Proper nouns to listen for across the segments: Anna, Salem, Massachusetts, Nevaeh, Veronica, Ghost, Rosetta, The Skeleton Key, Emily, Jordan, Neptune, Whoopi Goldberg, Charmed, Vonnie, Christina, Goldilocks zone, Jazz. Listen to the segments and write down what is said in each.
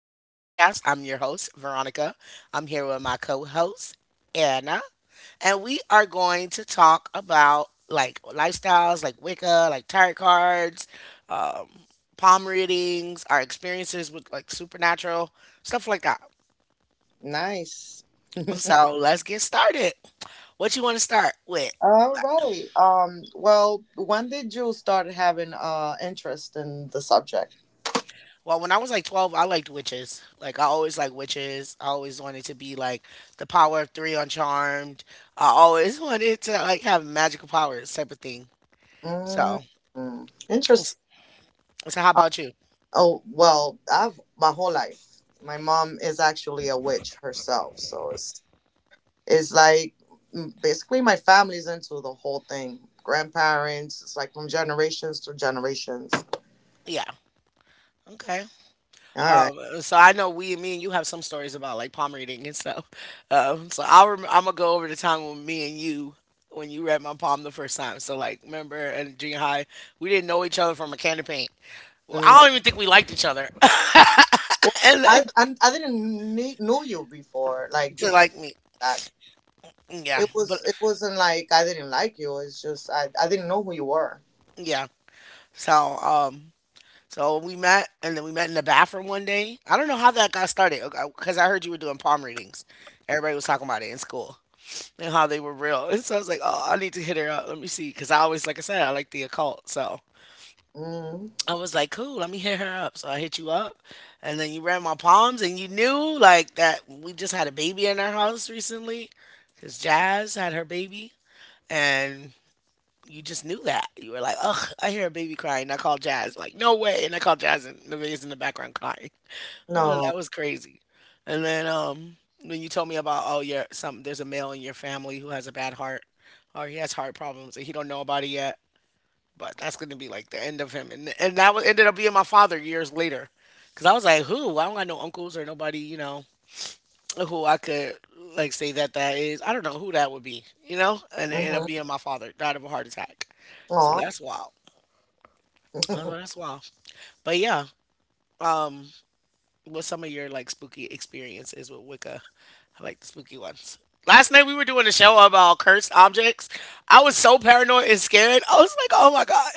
Veronica's podcast. I'm your host, Veronica. I'm here with my co host, Anna, and we are going to talk about like lifestyles, like Wicca, like tarot cards, um, palm readings, our experiences with like supernatural, stuff like that. Nice. So let's get started. What you want to start with? All right. Well, when did you start having interest in the subject? Well, when I was like 12, I liked witches. Like, I always liked witches. I always wanted to be like the power of three on Charmed. I always wanted to like have magical powers type of thing. mm So, mm. Interesting. so how Uh, about you? oh, well, I've my whole life. My mom is actually a witch herself, so it's like mm, basically my family's into the whole thing. Grandparents, it's like from generations to generations. Yeah. Okay. All right. So I know me and you have some stories about like palm reading and stuff. So I'm gonna go over the time when when you read my palm the first time. So like, remember in junior high, we didn't know each other from a can of paint. Well, Mm. I don't even think we liked each other. Well, And then I didn't kn- knew you before, like to before like me. that. Yeah, It was. but It wasn't like I didn't like you. It's just I. I didn't know who you were. yeah. So um, so we met, and then we met in the bathroom one day. I don't know how that got started, because I heard you were doing palm readings. Everybody was talking about it in school and how they were real. And so I was like, oh, I need to hit her up. Let me see, because I always, like I said, I like the occult. So Mm, I was like, cool, let me hit her up. So I hit you up, and then you read my palms, and you knew like that we just had a baby in our house recently, because Jazz had her baby, and you just knew that. You were like, ugh, I hear a baby crying. I called Jazz. Like, no way. And I called Jazz and Nevaeh's in the background crying. Oh, that no. was crazy. And then When you told me about, oh, your some there's a male in your family who has a bad heart or he has heart problems and he don't know about it yet. But that's going to be like the end of him. And that was, ended up being my father years later. Because I was like, who? I don't got no uncles or nobody, you know, who I could like say that that is. I don't know who that would be, you know, and it ended up Mm-hmm. being my father died of a heart attack. So Aw. that's wild. Oh, that's wild. But yeah, um, what's some of your like spooky experiences with Wicca? I like the spooky ones. Last night we were doing a show about cursed objects. I was so paranoid and scared. I was like, oh my god,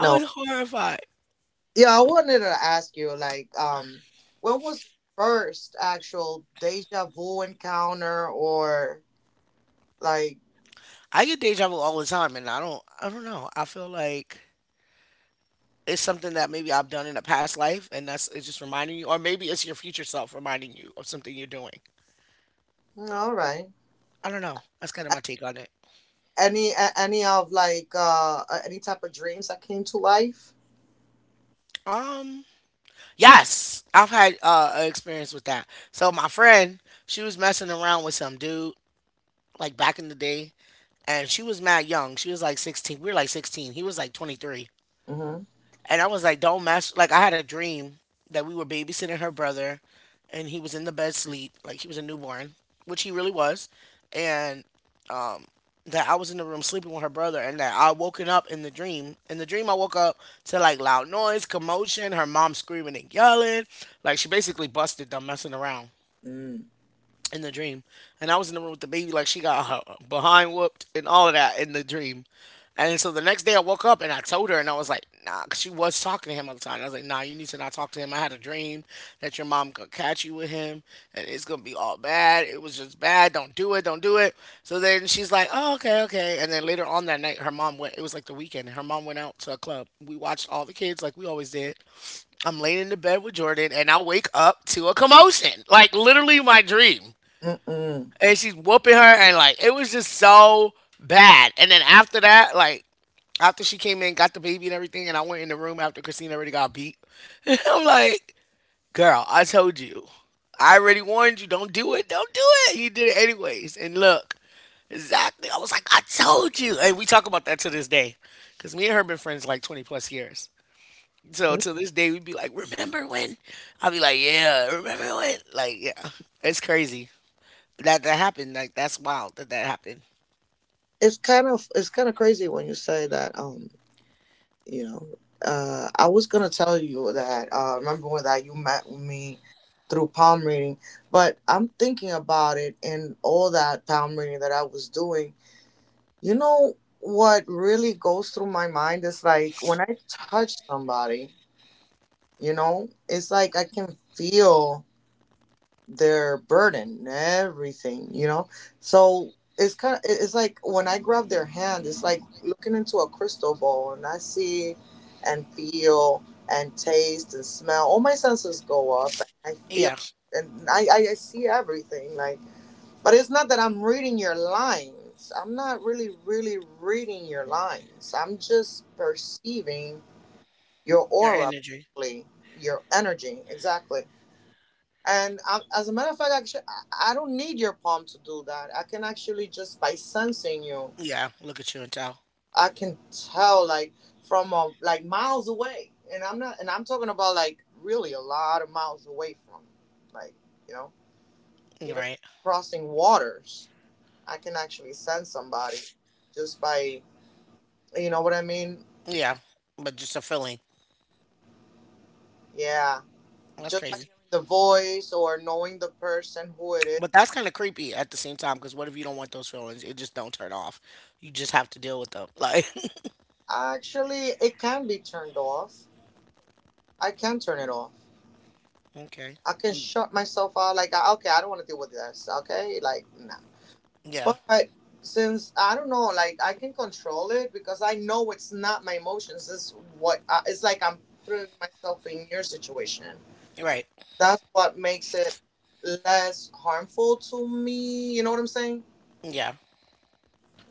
I was horrified. Yeah, I wanted to ask you, like, when was your first actual deja vu encounter, or like, I get deja vu all the time, and I don't know. I feel like it's something that maybe I've done in a past life, and that's it's just reminding you, or maybe it's your future self reminding you of something you're doing. mm, all right, I don't know. That's kind of A- my take on it. Any of like any type of dreams that came to life? Um, yes, I've had an experience with that. So my friend, she was messing around with some dude like back in the day, and she was mad young. She was like 16. We were like 16. He was like 23, Mm-hmm. and I was like, don't mess. Like I had a dream that we were babysitting her brother, and he was in the bed sleep, like he was a newborn, which he really was, and that I was in the room sleeping with her brother and that I woken up in the dream. In the dream I woke up to like loud noise, commotion, her mom screaming and yelling. Like she basically busted them messing around Mm. in the dream, and I was in the room with the baby, like she got her behind whooped and all of that in the dream. And so the next day I woke up and I told her, and I was like, nah, 'cause she was talking to him all the time. I was like, nah, you need to not talk to him. I had a dream that your mom could catch you with him, and it's gonna be all bad. It was just bad. Don't do it. Don't do it. So then she's like, oh, okay, okay. And then later on that night, her mom went, it was like the weekend, and her mom went out to a club. We watched all the kids like we always did. I'm laying in the bed with Jordan, and I wake up to a commotion, like literally my dream Mm-mm. and she's whooping her, and like it was just so bad. And then after that, like after she came in, got the baby and everything, and I went in the room after Christina already got beat. I'm like, girl, I told you, I already warned you, don't do it, don't do it. He did it anyways, and look, exactly. I was like, I told you, and we talk about that to this day, because me and her been friends like 20 plus years. So to this day, we'd be like, remember when? I'll be like, yeah, remember when? Like, yeah, it's crazy that that happened. Like that's wild that that happened. It's kind of crazy when you say that. You know, I was gonna tell you that remember when that you met me through palm reading, but I'm thinking about it, and all that palm reading that I was doing, you know, what really goes through my mind is like when I touch somebody, you know, it's like I can feel their burden and everything, you know. So it's kind of it's like when I grab their hand, it's like looking into a crystal ball, and I see and feel and taste and smell. All my senses go up, and I feel. Yeah, And I see everything, like, but it's not that I'm reading your lines. I'm not really reading your lines. I'm just perceiving your your aura energy. basically, your energy, exactly. And as a matter of fact, actually, I don't need your palm to do that. I can actually just by sensing you, Yeah, look at you and tell. I can tell, like from like miles away. And I'm not, and I'm talking about like really a lot of miles away from, like, you know, even Right. crossing waters. I can actually sense somebody just by, you know what I mean? Yeah, but just a feeling. Yeah, That's just by crazy. hearing the voice or knowing the person who it is. But that's kind of creepy at the same time because what if you don't want those feelings? It just don't turn off. You just have to deal with them. Like, Actually, it can be turned off. I can turn it off. okay. I can shut myself out. Like, okay, I don't want to deal with this. Okay, like, nah. Yeah. But since I don't know, like, I can control it because I know it's not my emotions. It's what I, it's like. I'm putting myself in your situation. You're right. That's what makes it less harmful to me. You know what I'm saying? Yeah.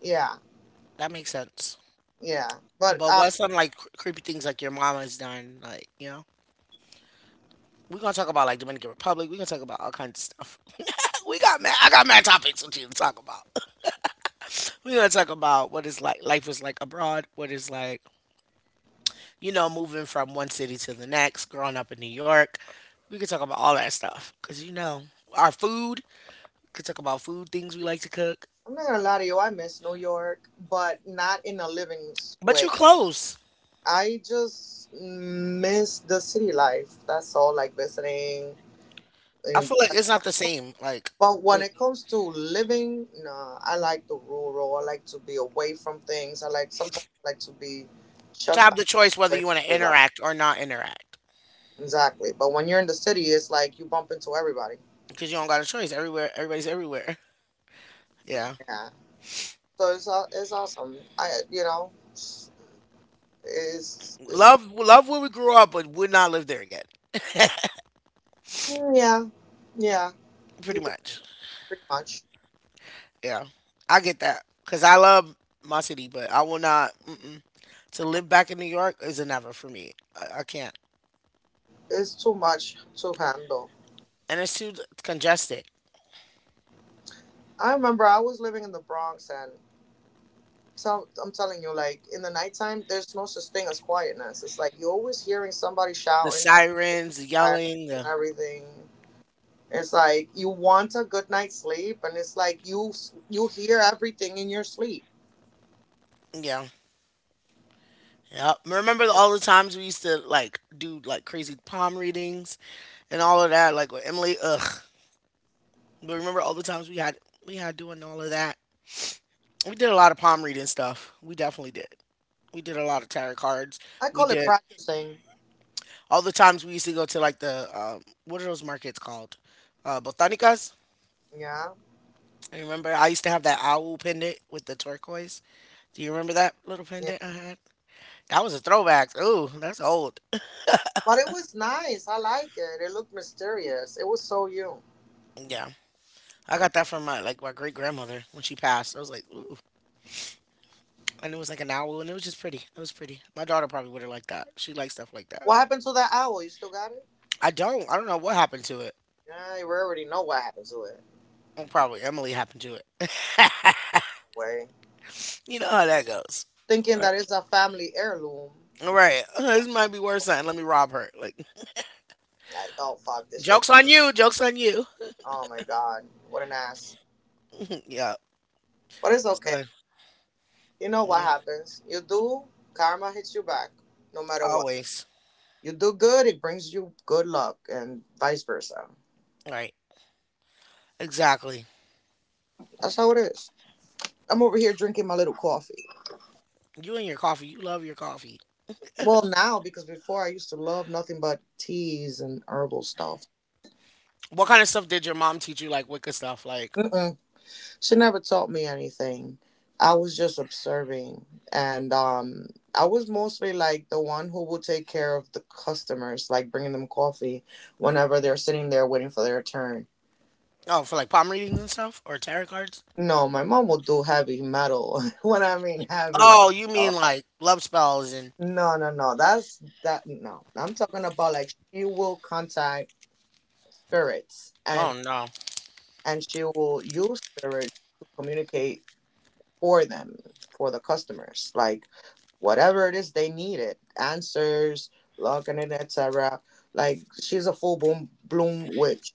Yeah, That makes sense. yeah. But But what's some like creepy things like your mama's done? Like, you know, we're gonna talk about like Dominican Republic. We're gonna talk about all kinds of stuff. We got mad. I got mad topics with you to talk about. We're gonna talk about what is like life was like abroad, what is like, you know, moving from one city to the next, growing up in New York. We could talk about all that stuff. Cause you know, our food, we could talk about food things we like to cook. I'm not gonna lie to you. I miss New York, but not in a living But way. you close. I just miss the city life. That's all. Like visiting. I feel like it's not the same. Like But when the- it comes to living, nah, I like the rural. I like to be away from things. I like sometimes I like to be to shut have down, the choice whether away you wanna from everybody. interact or not interact. Exactly. But when you're in the city, it's like you bump into everybody. Because you don't got a choice. Everywhere everybody's everywhere. Yeah. Yeah. So it's awesome. I, you know, it's it's like Love love where we grew up but would not live there again. mm, yeah, yeah. Pretty You could say much. pretty much. Yeah, I get that because I love my city, but I will not. Mm-mm. To live back in New York is a never for me. I can't, It's too much to handle. and it's too congested. I remember I was living in the Bronx. And so I'm telling you, like in the nighttime, there's no such thing as quietness. It's like you're always hearing somebody The shouting, sirens, the sirens yelling, the and everything. It's like you want a good night's sleep, and it's like you you hear everything in your sleep. yeah, yeah. Remember all the times we used to like do like crazy palm readings and all of that, like with Emily. Ugh. But remember all the times we had doing all of that. We did a lot of palm reading stuff. We definitely did. We did a lot of tarot cards. I We call it did practicing. all the times we used to go to like the what are those markets called? Botanicas. Yeah, I remember I used to have that owl pendant with the turquoise. Do you remember that little yeah. pendant I had? That was a throwback. Ooh, that's old. But it was nice. I like it. It looked mysterious. It was so you. Yeah, I got that from my like my great grandmother when she passed. I was like, ooh, and it was like an owl, and it was just pretty. It was pretty. My daughter probably would have liked that. She likes stuff like that. What happened to that owl? You still got it? I don't. I don't know what happened to it. Yeah, you already know what happened to it. Well, probably Emily happened to it. No way, You know how that goes. thinking that it's a family heirloom. All right, this might be worse than let me rob her. Like Like, oh fuck, this shit. jokes on you. Jokes on you. Oh my god, what an ass. Yeah. But it's okay. So You know what yeah, happens. You do, karma hits you back, no matter what. always You do good, it brings you good luck, and vice versa. right. Exactly. That's how it is. I'm over here drinking my little coffee. You and your coffee. You love your coffee. Well, now, because before I used to love nothing but teas and herbal stuff. What kind of stuff did your mom teach you? Like Wicca stuff. Like Mm-mm. She never taught me anything. I was just observing. And I was mostly like the one who will take care of the customers, like bringing them coffee whenever they're sitting there waiting for their turn. oh, for like palm readings and stuff, or tarot cards. No, my mom will do heavy metal. When I mean heavy Oh, you mean metal, like love spells and no, no, no, that's that. No, I'm talking about like she will contact spirits, oh no. and she will use spirits to communicate for them, for the customers. Like whatever it is they needed answers, logging in, et cetera. Like she's a full bloom witch.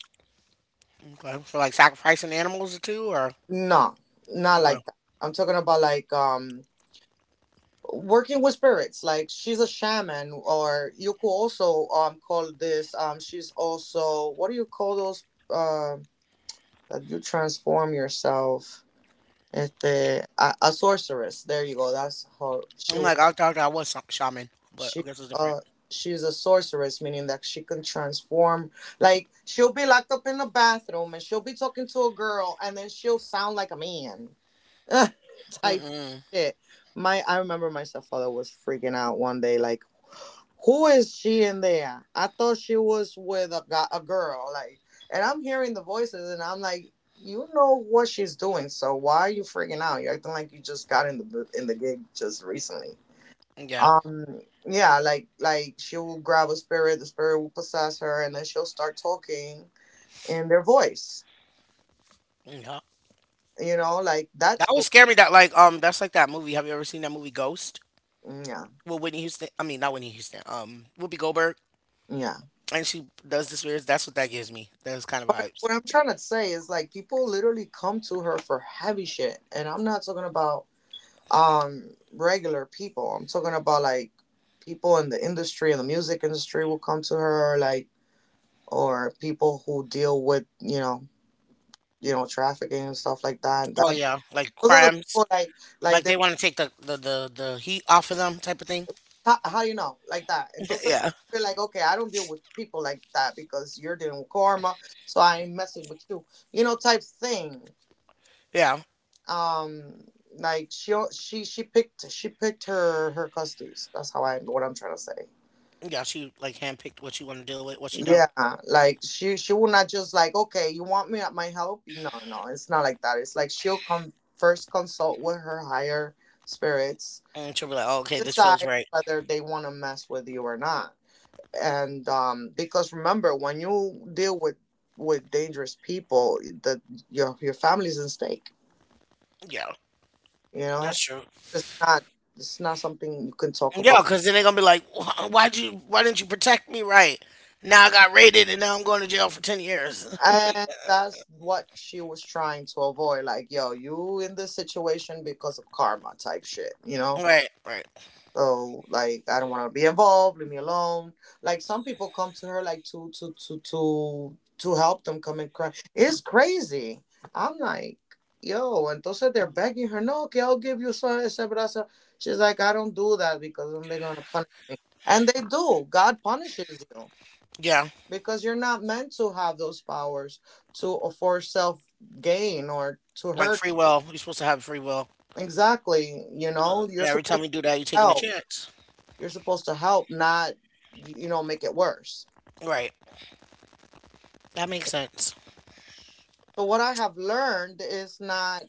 Okay, for like sacrificing animals or two, or No, not okay. like that. I'm talking about like, working with spirits. Like she's a shaman, or you could also call this, she's also what do you call those, that you transform yourself. Este, a sorceress, there you go. That's her. I'm like I thought I was some shaman, but I She guess it's different. uh she's a sorceress, meaning that she can transform. Like she'll be locked up in the bathroom and she'll be talking to a girl and then she'll sound like a man. Type Mm-mm. shit. My I remember my stepfather was freaking out one day, like, who is she in there? I thought she was with a guy, a girl, like, and I'm hearing the voices, and I'm like, you know what she's doing, so why are you freaking out? You're acting like you just got in the in the gig just recently. Yeah. um yeah, like she will grab a spirit, the spirit will possess her, and then she'll start talking in their voice, Yeah. you know, like that's That would scare me. That like that's like that movie. Have you ever seen that movie Ghost? mm, yeah, Well Whitney Houston. I mean not Whitney Houston. Whoopi Goldberg, yeah. and she does this weird. That's what that gives me. Those kind of But vibes. what I'm trying to say is like people literally come to her for heavy shit, and I'm not talking about regular people. I'm talking about like people in the industry, in the music industry, will come to her like, or people who deal with, you know, you know, trafficking and stuff like that. Oh That yeah, like those are the crimes. people, like, Like they want to take the heat off of them type of thing. how do you know? Like that. Entonces, Yeah, you're like, okay, I don't deal with people like that because you're dealing with karma, so I ain't messing with you. You know, type thing. yeah, Um, like she picked, she picked her, her custies. That's how I, what I'm trying to say. yeah. She like handpicked what she want to deal with, what she don't, Yeah, like she will not just like, okay, you want me at my help? No, no, no, it's not like that. It's like she'll come first, consult with her higher spirits, and she'll be like, oh, okay, this feels decide right. whether they want to mess with you or not. And because remember when you deal with dangerous people that your family's at stake, Yeah, you know. that's So true. it's not, it's not something you can talk Yeah, about. because then they're gonna be like, "Wh- why'd you, why didn't you protect me right? Now I got raided and now I'm going to jail for 10 years. And that's what she was trying to avoid. Like yo, you in this situation because of karma type shit, you know. right, right. Oh, like I don't want to be involved. Leave me alone. Like some people come to her like to help them, come and cry. It's crazy. I'm like, yo. Entonces they're begging her, no, que I'll give you so ese brazo. She's like, I don't do that because then they're gonna punish me. And they do. God punishes you Yeah, because you're not meant to have those powers to, for self gain or to like hurt. free will. You're supposed to have free will. Exactly. You Uh, know, you're and every supposed time you do that, you're to taking a help. chance. You're supposed to help, not, you know, make it worse. Right. That makes sense. So what I have learned is not,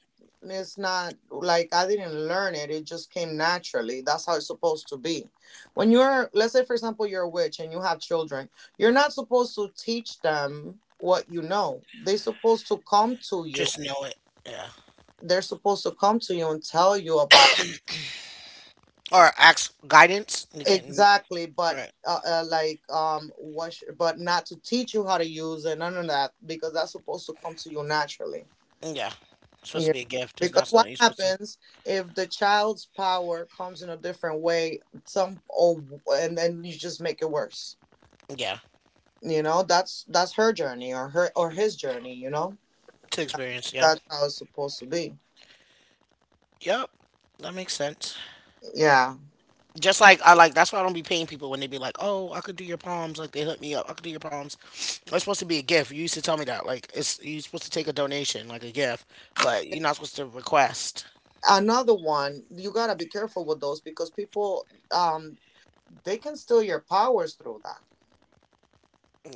it's not like I didn't learn it. It just came naturally. That's how it's supposed to be. When you're, let's say for example you're a witch and you have children, you're not supposed to teach them what you know. They're supposed to come to you. Just know it. Yeah. They're supposed to come to you and tell you about, Or ask guidance. You can't. exactly, All but right. Like what but not to teach you how to use it, none of that, because that's supposed to come to you naturally, Yeah. It's supposed you to know, be a gift. It's because not what something you're supposed to. happens if the child's power comes in a different way, some or, and then you just make it worse, Yeah. you know. That's her journey, or her or his journey, you know. To experience. Yeah. That's how it's supposed to be. Yep. That makes sense. Yeah, Just like I like. That's why I don't be paying people when they be like, "Oh, I could do your palms." Like they hook me up. I could do your palms. It's supposed to be a gift. You used to tell me that. Like it's you're supposed to take a donation, like a gift, but you're not supposed to request. another one you gotta be careful with. Those, because people um they can steal your powers through that.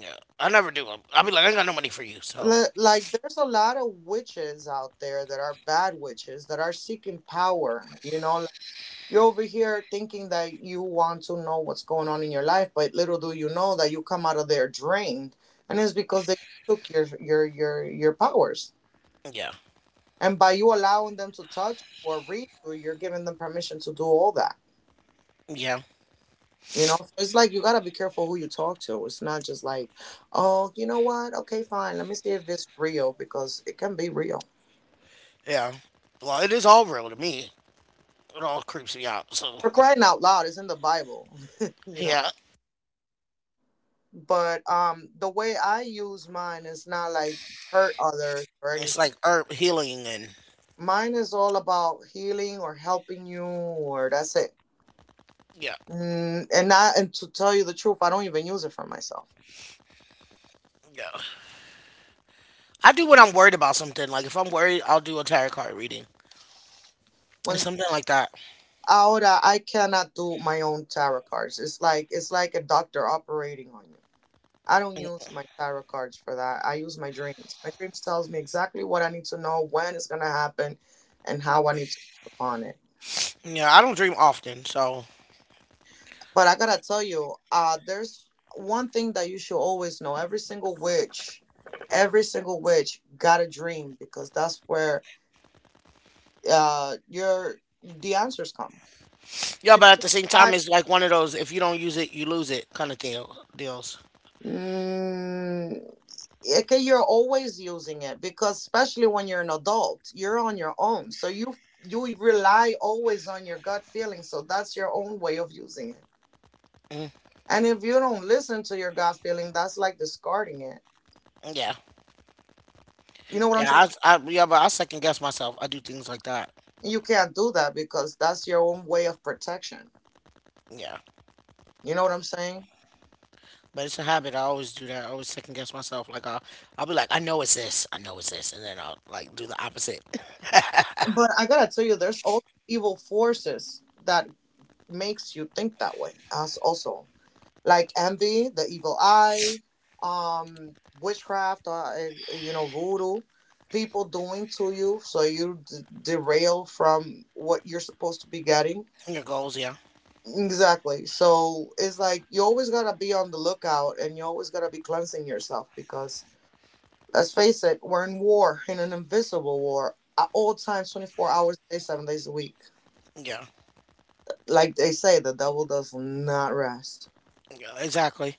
Yeah. I never do. I'll be like, I ain't got no money for you. So Like there's a lot of witches out there that are bad witches that are seeking power, you know. You're over here thinking that you want to know what's going on in your life, but little do you know that you come out of there drained, and it's because they took your your powers. yeah. And by you allowing them to touch or read you, you're giving them permission to do all that. Yeah. You know, so it's like you gotta be careful who you talk to. It's not just like, oh, you know what? Okay, fine. Let me see if it's real because it can be real. Yeah. Well, it is all real to me. It all creeps me out. So For crying out loud, it's in the Bible. you know. yeah, But the way I use mine is not like hurt others or anything. it's like herb healing and Mine is all about healing or helping you, or that's it. yeah, And not, and to tell you the truth, I don't even use it for myself. yeah. I do when I'm worried about something. Like if I'm worried, I'll do a tarot card reading and When something like that. Ahora I cannot do my own tarot cards. It's like a doctor operating on you. I don't Mm, use my tarot cards for that. I use my dreams. My dreams tells me exactly what I need to know, when it's gonna happen, and how I need to act upon it. yeah, I don't dream often, so But I gotta tell you, there's one thing that you should always know. Every single witch got a dream because that's where your the answers come. yeah. If But at you the same try, time, it's like one of those if you don't use it, you lose it kind of deals. mm, okay, you're always using it because especially when you're an adult, you're on your own, so you rely always on your gut feeling. So that's your own way of using it. Mm, And if you don't listen to your gut feeling, that's like discarding it. yeah, You know what I'm trying. yeah. I yeah, but I second guess myself. I do things like that. You can't do that because that's your own way of protection. Yeah. You know what I'm saying? But it's a habit. I always do that. I always second guess myself. Like I'll be like, I know it's this. I know it's this, and then I'll like do the opposite. But I gotta tell you, there's also evil forces that makes you think that way. As also like envy, the evil eye, witchcraft, voodoo, people doing to you so you derail from what you're supposed to be getting. Your goals, yeah, Exactly. So it's like you always gotta be on the lookout, and you always gotta be cleansing yourself, because let's face it, we're in war, in an invisible war, at all times, 24 hours a day, 7 days a week. yeah, Like they say, the devil does not rest. yeah. Exactly.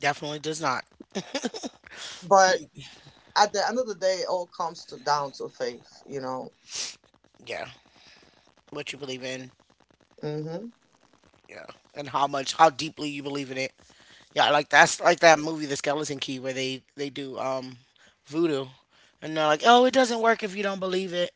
Definitely does not. But at the end of the day, it all comes to down to faith. Yeah. What you believe in. Mm-hmm. Yeah. And how deeply you believe in it. Yeah. Like that's like that movie, The Skeleton Key, where they do voodoo, and they're like, oh, it doesn't work if you don't believe it.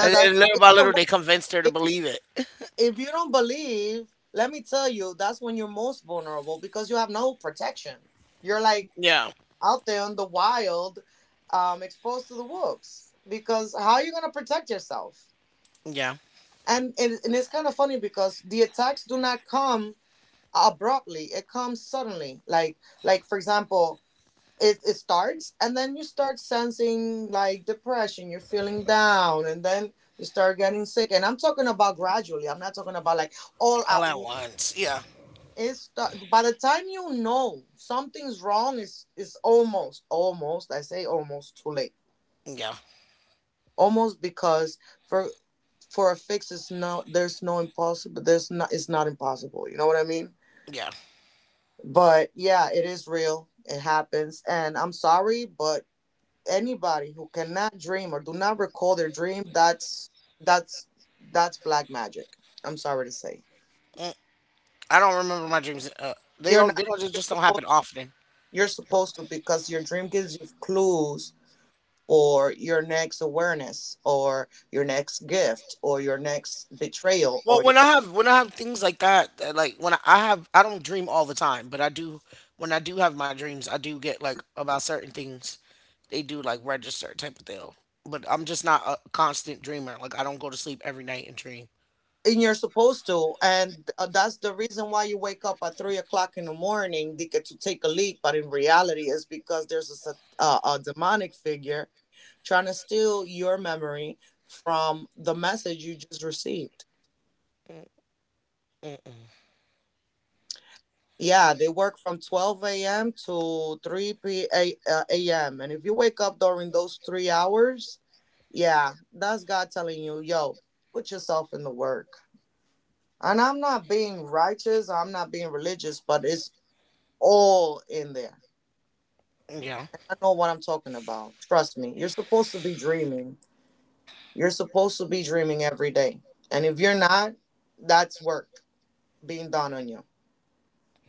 And then that's, little by it's little, the word. they convinced her if to believe it. if you don't believe, let me tell you, that's when you're most vulnerable because you have no protection. You're like Yeah. out there in the wild, exposed to the wolves. Because how are you going to protect yourself? Yeah. And it's kind of funny, because the attacks do not come abruptly, it comes suddenly, like for example, it starts, and then you start sensing like depression, you're feeling down, and then you start getting sick. And I'm talking about gradually, I'm not talking about like all All at at once. once. Yeah. It's start. By the time you know something's wrong, is almost, I say almost too late, Yeah. almost, because for a fix, it's no— there's no impossible. There's not— it's not impossible. You know what I mean? Yeah. But yeah, it is real, it happens, and I'm sorry, but anybody who cannot dream or do not recall their dream, that's that's that's black magic, I'm sorry to say. Mm, I don't remember my dreams. You're not— They don't just, you're just don't supposed happen often. you're supposed to, because your dream gives you clues, or your next awareness, or your next gift, or your next betrayal, Well, or— when I have things like that, like when I have, I don't dream all the time, but I do. When I do have my dreams, I do get like about certain things. They do like register type of thing. But I'm just not a constant dreamer. Like I don't go to sleep every night and dream. and you're supposed to. And that's the reason why you wake up at 3 o'clock in the morning to get to take a leak, but in reality, it's because there's a demonic figure trying to steal your memory from the message you just received. Mm, Yeah, they work from 12 a.m to 3 a.m, and if you wake up during those 3 hours, yeah, that's God telling you, yo, put yourself in the work. And I'm not being righteous, I'm not being religious, but it's all in there. yeah. I know what I'm talking about. Trust me. You're supposed to be dreaming. You're supposed to be dreaming every day. And if you're not, that's work being done on you,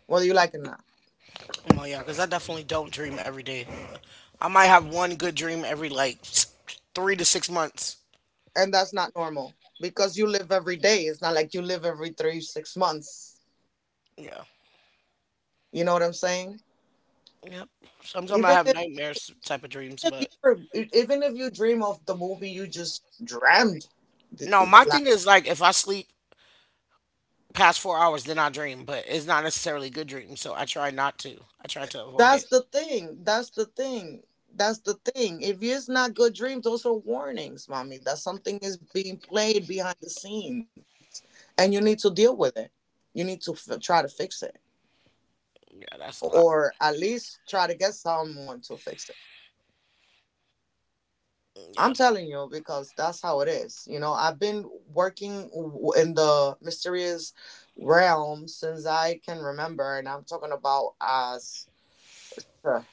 whether you like it or not. Well, yeah, because I definitely don't dream every day. I might have one good dream every like 3 to 6 months. And that's not normal, because you live every day. It's not like you live every three, 6 months. Yeah. You know what I'm saying? Yep. Sometimes I Even have if— nightmares type of dreams, if you but even if you dream of the movie you just dreamed. th- no, my thing is like if I sleep past 4 hours, then I dream, but it's not necessarily good dreams, so I try not to. I try to avoid That's it. the thing. That's the thing. That's the thing. If it's not good dreams, those are warnings, mommy, that something is being played behind the scenes, and you need to deal with it. You need to try to fix it, Yeah, that's a lot. or at least try to get someone to fix it. Yeah, I'm telling you because that's how it is. You know, I've been working in the mysterious realm since I can remember, and I'm talking about as— huh,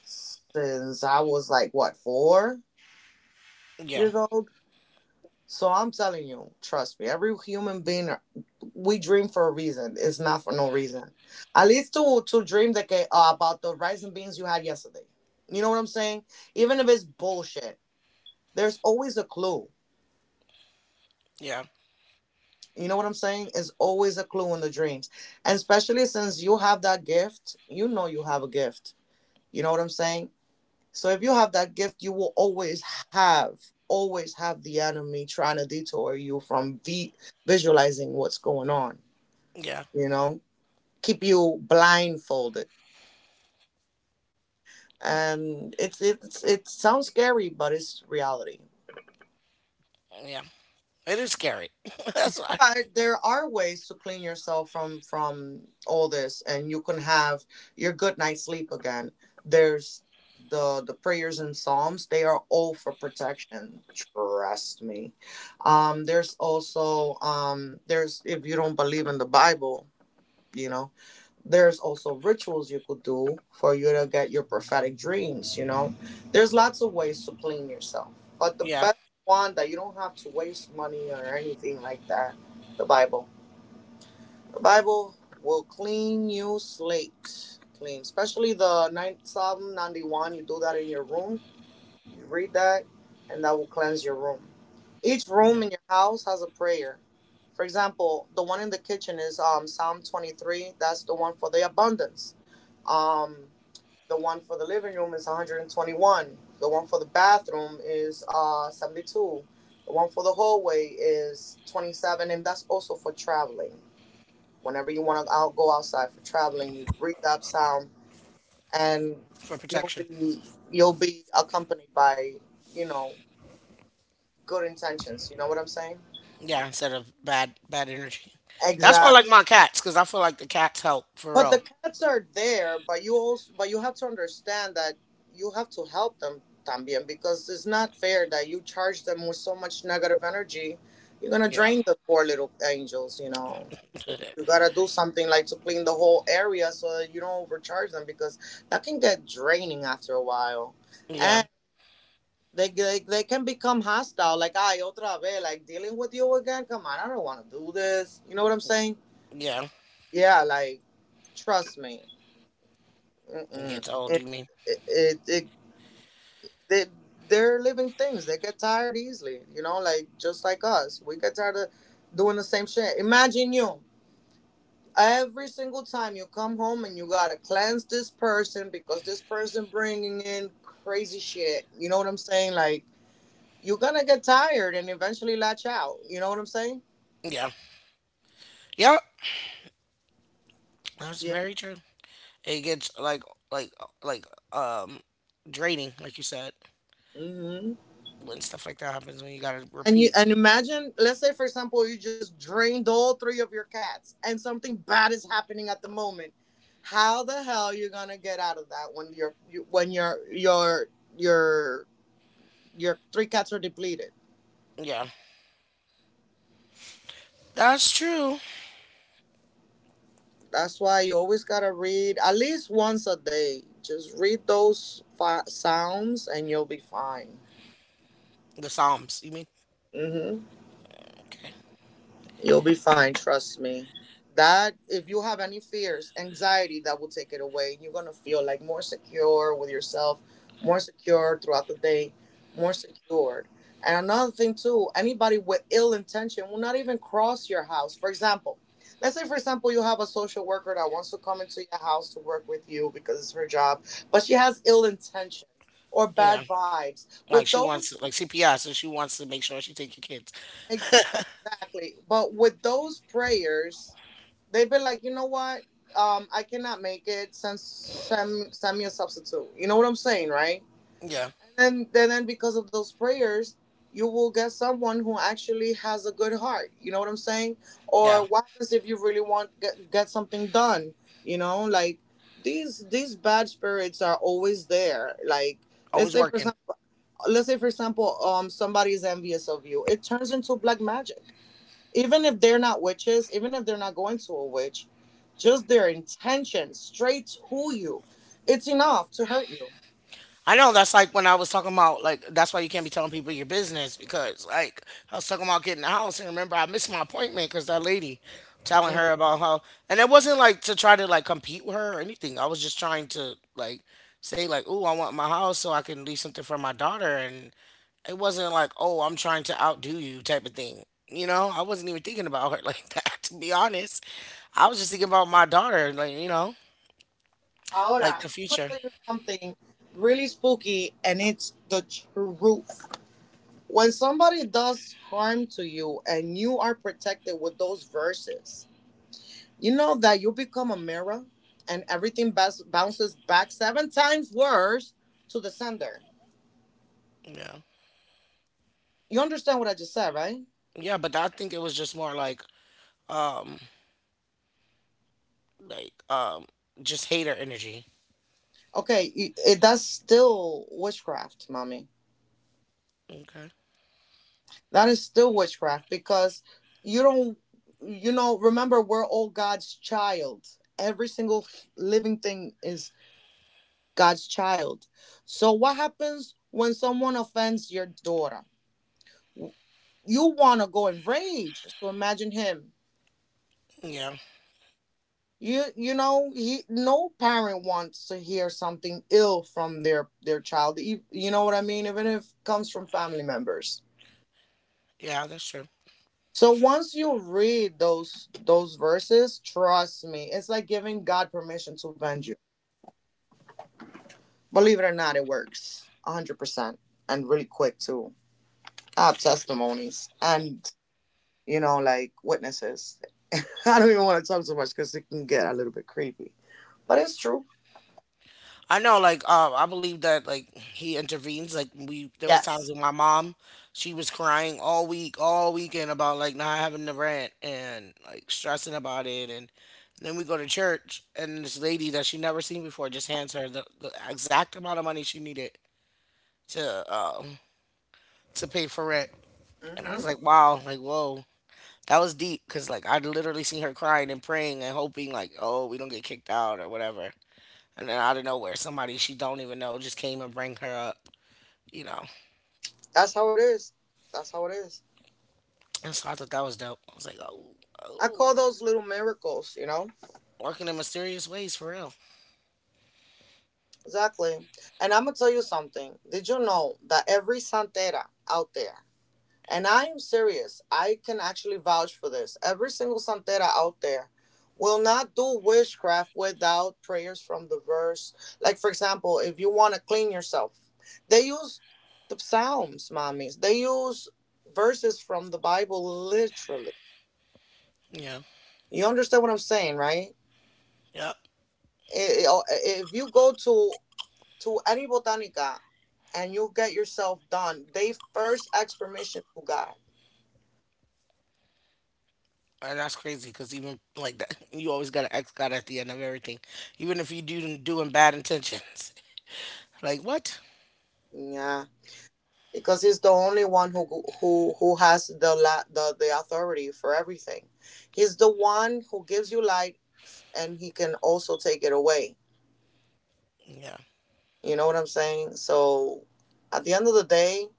since I was like, what, four yeah, years old? So I'm telling you, trust me, every human being, we dream for a reason. It's not for no reason. At least to dream that about the rice and beans you had yesterday. You know what I'm saying? Even if it's bullshit, there's always a clue. yeah, You know what I'm saying? It's always a clue in the dreams, and especially since you have that gift, you know you have a gift. You know what I'm saying? So if you have that gift, you will always have, the enemy trying to detour you from the visualizing what's going on. yeah, you know Keep you blindfolded. And it sounds scary, but it's reality. yeah. It is scary. That's why. But there are ways to clean yourself from all this, and you can have your good night's sleep again. There's the prayers and psalms, they are all for protection, trust me. There's also— there's— if you don't believe in the Bible, you know there's also rituals you could do for you to get your prophetic dreams. There's lots of ways to clean yourself, but the Yeah, best one that you don't have to waste money or anything like that— the bible the bible will clean you slate clean, especially the ninth psalm 91. You do that in your room, you read that, and that will cleanse your room. Each yeah, room in your house has a prayer. For example, the one in the kitchen is psalm 23, that's the one for the abundance. um the one for the living room is 121. The one for the bathroom is 72. The one for the hallway is 27, and that's also for traveling. Whenever you want to out go outside for traveling, you breathe that sound, and for you'll protection. be you'll be accompanied by you know good intentions. You know what I'm saying? Yeah, instead of bad bad energy. That's why I Exactly. like my cats, cause I feel like the cats help for But the real. cats are there, but you also but you have to understand that you have to help them también, because it's not fair that you charge them with so much negative energy. You're gonna Yeah, drain the poor little angels, you know. You gotta do something like to clean the whole area so that you don't overcharge them, because that can get draining after a while. yeah, And they can become hostile, like, ay, otra vez, like dealing with you again? Come on, I don't wanna do this. You know what I'm saying? yeah. Yeah, like, trust me. It Mm-mm. gets old. You mean? it, it, it, they, they're living things. They get tired easily, like just like us. We get tired of doing the same shit. Imagine you. Every single time you come home and you gotta cleanse this person because this person bringing in crazy shit. You know what I'm saying? Like you're gonna get tired and eventually latch out. You know what I'm saying? Yeah, yep. That's Yeah. very true. It gets like like um draining like you said Hmm. when stuff like that happens when you gotta And you repeat. and imagine, let's say for example, you just drained all three of your cats, and something bad is happening at the moment. How the hell you gonna get out of that when your you, when your your your your three cats are depleted? Yeah, that's true. That's why you always gotta read at least once a day. Just read those sounds, and you'll be fine. The psalms you mean. Hmm. Okay. You'll be fine, trust me. That if you have any fears, anxiety, that will take it away. You're gonna feel like more secure with yourself, more secure throughout the day, more secured. And another thing too, anybody with ill intention will not even cross your house. For example, let's say for example you have a social worker that wants to come into your house to work with you because it's her job, but she has ill intentions or Yeah, bad vibes. With like she wants those— like CPS and she wants to make sure she take your kids. Exactly, but with those prayers they'd be like, you know what? I cannot make it. Send me a substitute. You know what I'm saying, right? Yeah. And then because of those prayers, you will get someone who actually has a good heart. You know what I'm saying? Yeah, Or what happens if you really want get something done? You know, like these bad spirits are always there. Like let's always say for working. example, let's say for example, somebody is envious of you. It turns into black magic even if they're not witches, even if they're not going to a witch, just their intention straight to you, it's enough to hurt you. I know that's like when I was talking about like that's why you can't be telling people your business because like I was talking about getting the house and remember I missed my appointment because that lady telling Mm. her about how. And it wasn't like to try to like compete with her or anything. I was just trying to like say like, oh, I want my house so I can leave something for my daughter. And it wasn't like, oh, I'm trying to outdo you type of thing. You know, I wasn't even thinking about her like that to be honest. I was just thinking about my daughter, like Ahora, like the I'm gonna future. tell you something really spooky, and it's the truth. When somebody does harm to you and you are protected with those verses, you know that you become a mirror and everything bounces back seven times worse to the sender. Yeah. You understand what I just said, right? Yeah, but I think it was just more um like just hater energy. Okay, that's still witchcraft, mommy. Okay. That is still witchcraft because you don't, you know, remember, we're all God's child. Every single living thing is God's child. So, what happens when someone offends your daughter? You want to go in rage. So, imagine him. Yeah. You know, he, no parent wants to hear something ill from their child. You know what I mean. Even if it comes from family members. Yeah, that's true. So once you read those verses, trust me, it's like giving God permission to avenge you. Believe it or not, it works 100% and really quick too. I have testimonies and, you know, like witnesses. I don't even want to talk so much because it can get a little bit creepy, but it's true. I know like I believe that like he intervenes. Like we there was times Yes. with my mom, she was crying all week, all weekend about like not having the rent and like stressing about it. And then we go to church and this lady that she never seen before just hands her the exact amount of money she needed to um to pay for rent. And I hmm was like, wow, like whoa. That was deep because like I'd literally seen her crying and praying and hoping like, oh, we don't get kicked out or whatever. And then out of nowhere, somebody she don't even know just came and bring her up, you know. that's how it is. That's how it is. And so I thought that was dope. I was like, I oh, call those little miracles, you know? working in mysterious ways for real. Exactly. And I'm going to tell you something. Did you know that every Santera out there, and I am serious, I can actually vouch for this. Every single santera out there will not do witchcraft without prayers from the verse. Like, for example, if you want to clean yourself, they use the Psalms, mommies. They use verses from the Bible literally. Yeah, You understand what I'm saying, right? yep. If you go to any botanica and you get yourself done, they first ask permission to God. And that's crazy because even like that, you always got an ex God at the end of everything, even if you do doing bad intentions. Like what? Yeah, because he's the only one who has the authority for everything. He's the one who gives you light and he can also take it away. Yeah, You know what I'm saying? So at the end of the day,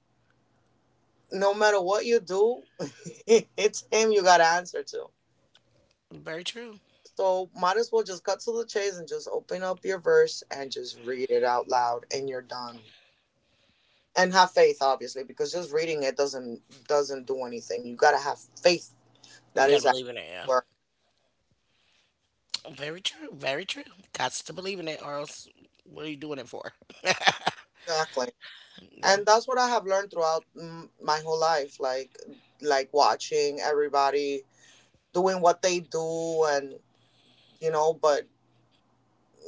no matter what you do, it's him you got to answer to. very true. So might as well just cut to the chase and just open up your verse and just read it out loud and you're done. And have faith, obviously, because just reading it doesn't do anything. You got to have faith You that gotta is actually believe in it. Yeah. working. Very true. Very true. Got to believe in it, or else what are you doing it for? Exactly. Yeah. And that's what I have learned throughout my whole life, like watching everybody doing what they do and, you know, but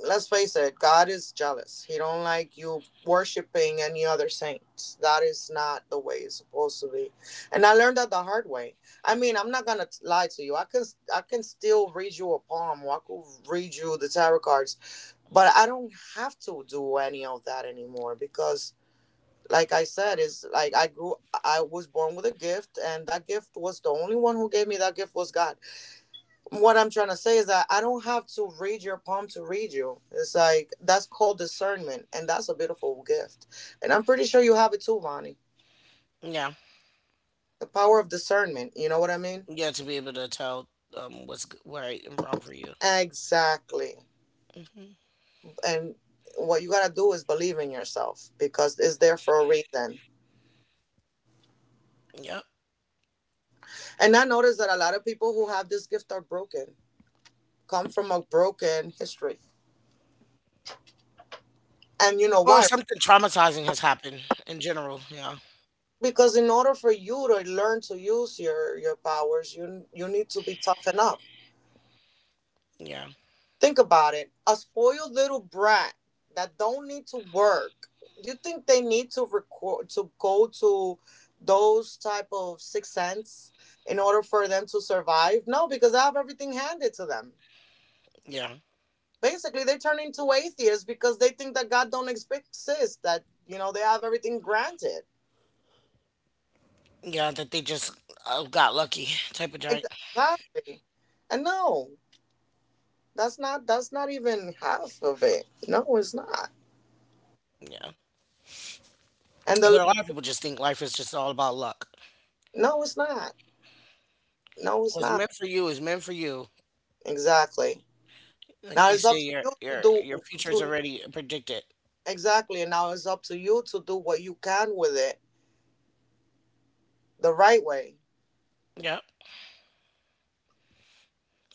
let's face it, God is jealous. He don't like you worshiping any other saints. That is not the way it's supposed to be. And I learned that the hard way. I mean, I'm not going to lie to you. I can still read you a palm or I could read you the tarot cards, but I don't have to do any of that anymore because, like I said, is like I grew, I was born with a gift, and that gift, was the only one who gave me that gift was God. What I'm trying to say is that I don't have to read your palm to read you. It's like, that's called discernment, and that's a beautiful gift. And I'm pretty sure you have it too, Vonnie. Yeah. The power of discernment. You know what I mean? Yeah. To be able to tell what's right and wrong for you. Exactly. Hmm. And what you gotta do is believe in yourself because it's there for a reason. Yep. And I notice that a lot of people who have this gift are broken, come from a broken history. And you know Or why? something traumatizing has happened in general. Yeah. Because in order for you to learn to use your powers, you need to be toughened up. Yeah. Think about it, a spoiled little brat that don't need to work, do you think they need to record to go to those type of six cents in order for them to survive? No, because I have everything handed to them. Yeah. Basically, they turn into atheists because they think that God don't exist, that, you know, they have everything granted. Yeah. That they just got lucky type of giant. Ex- exactly. And no, that's not even half of it. No, it's not. Yeah. And the But le- a lot of people just think life is just all about luck. no, it's not. No, it's What's not. meant for you is meant for you. Exactly. Like Now they it's up say, to your you to your do your future is to already predicted. Exactly. And now it's up to you to do what you can with it the right way. Yeah.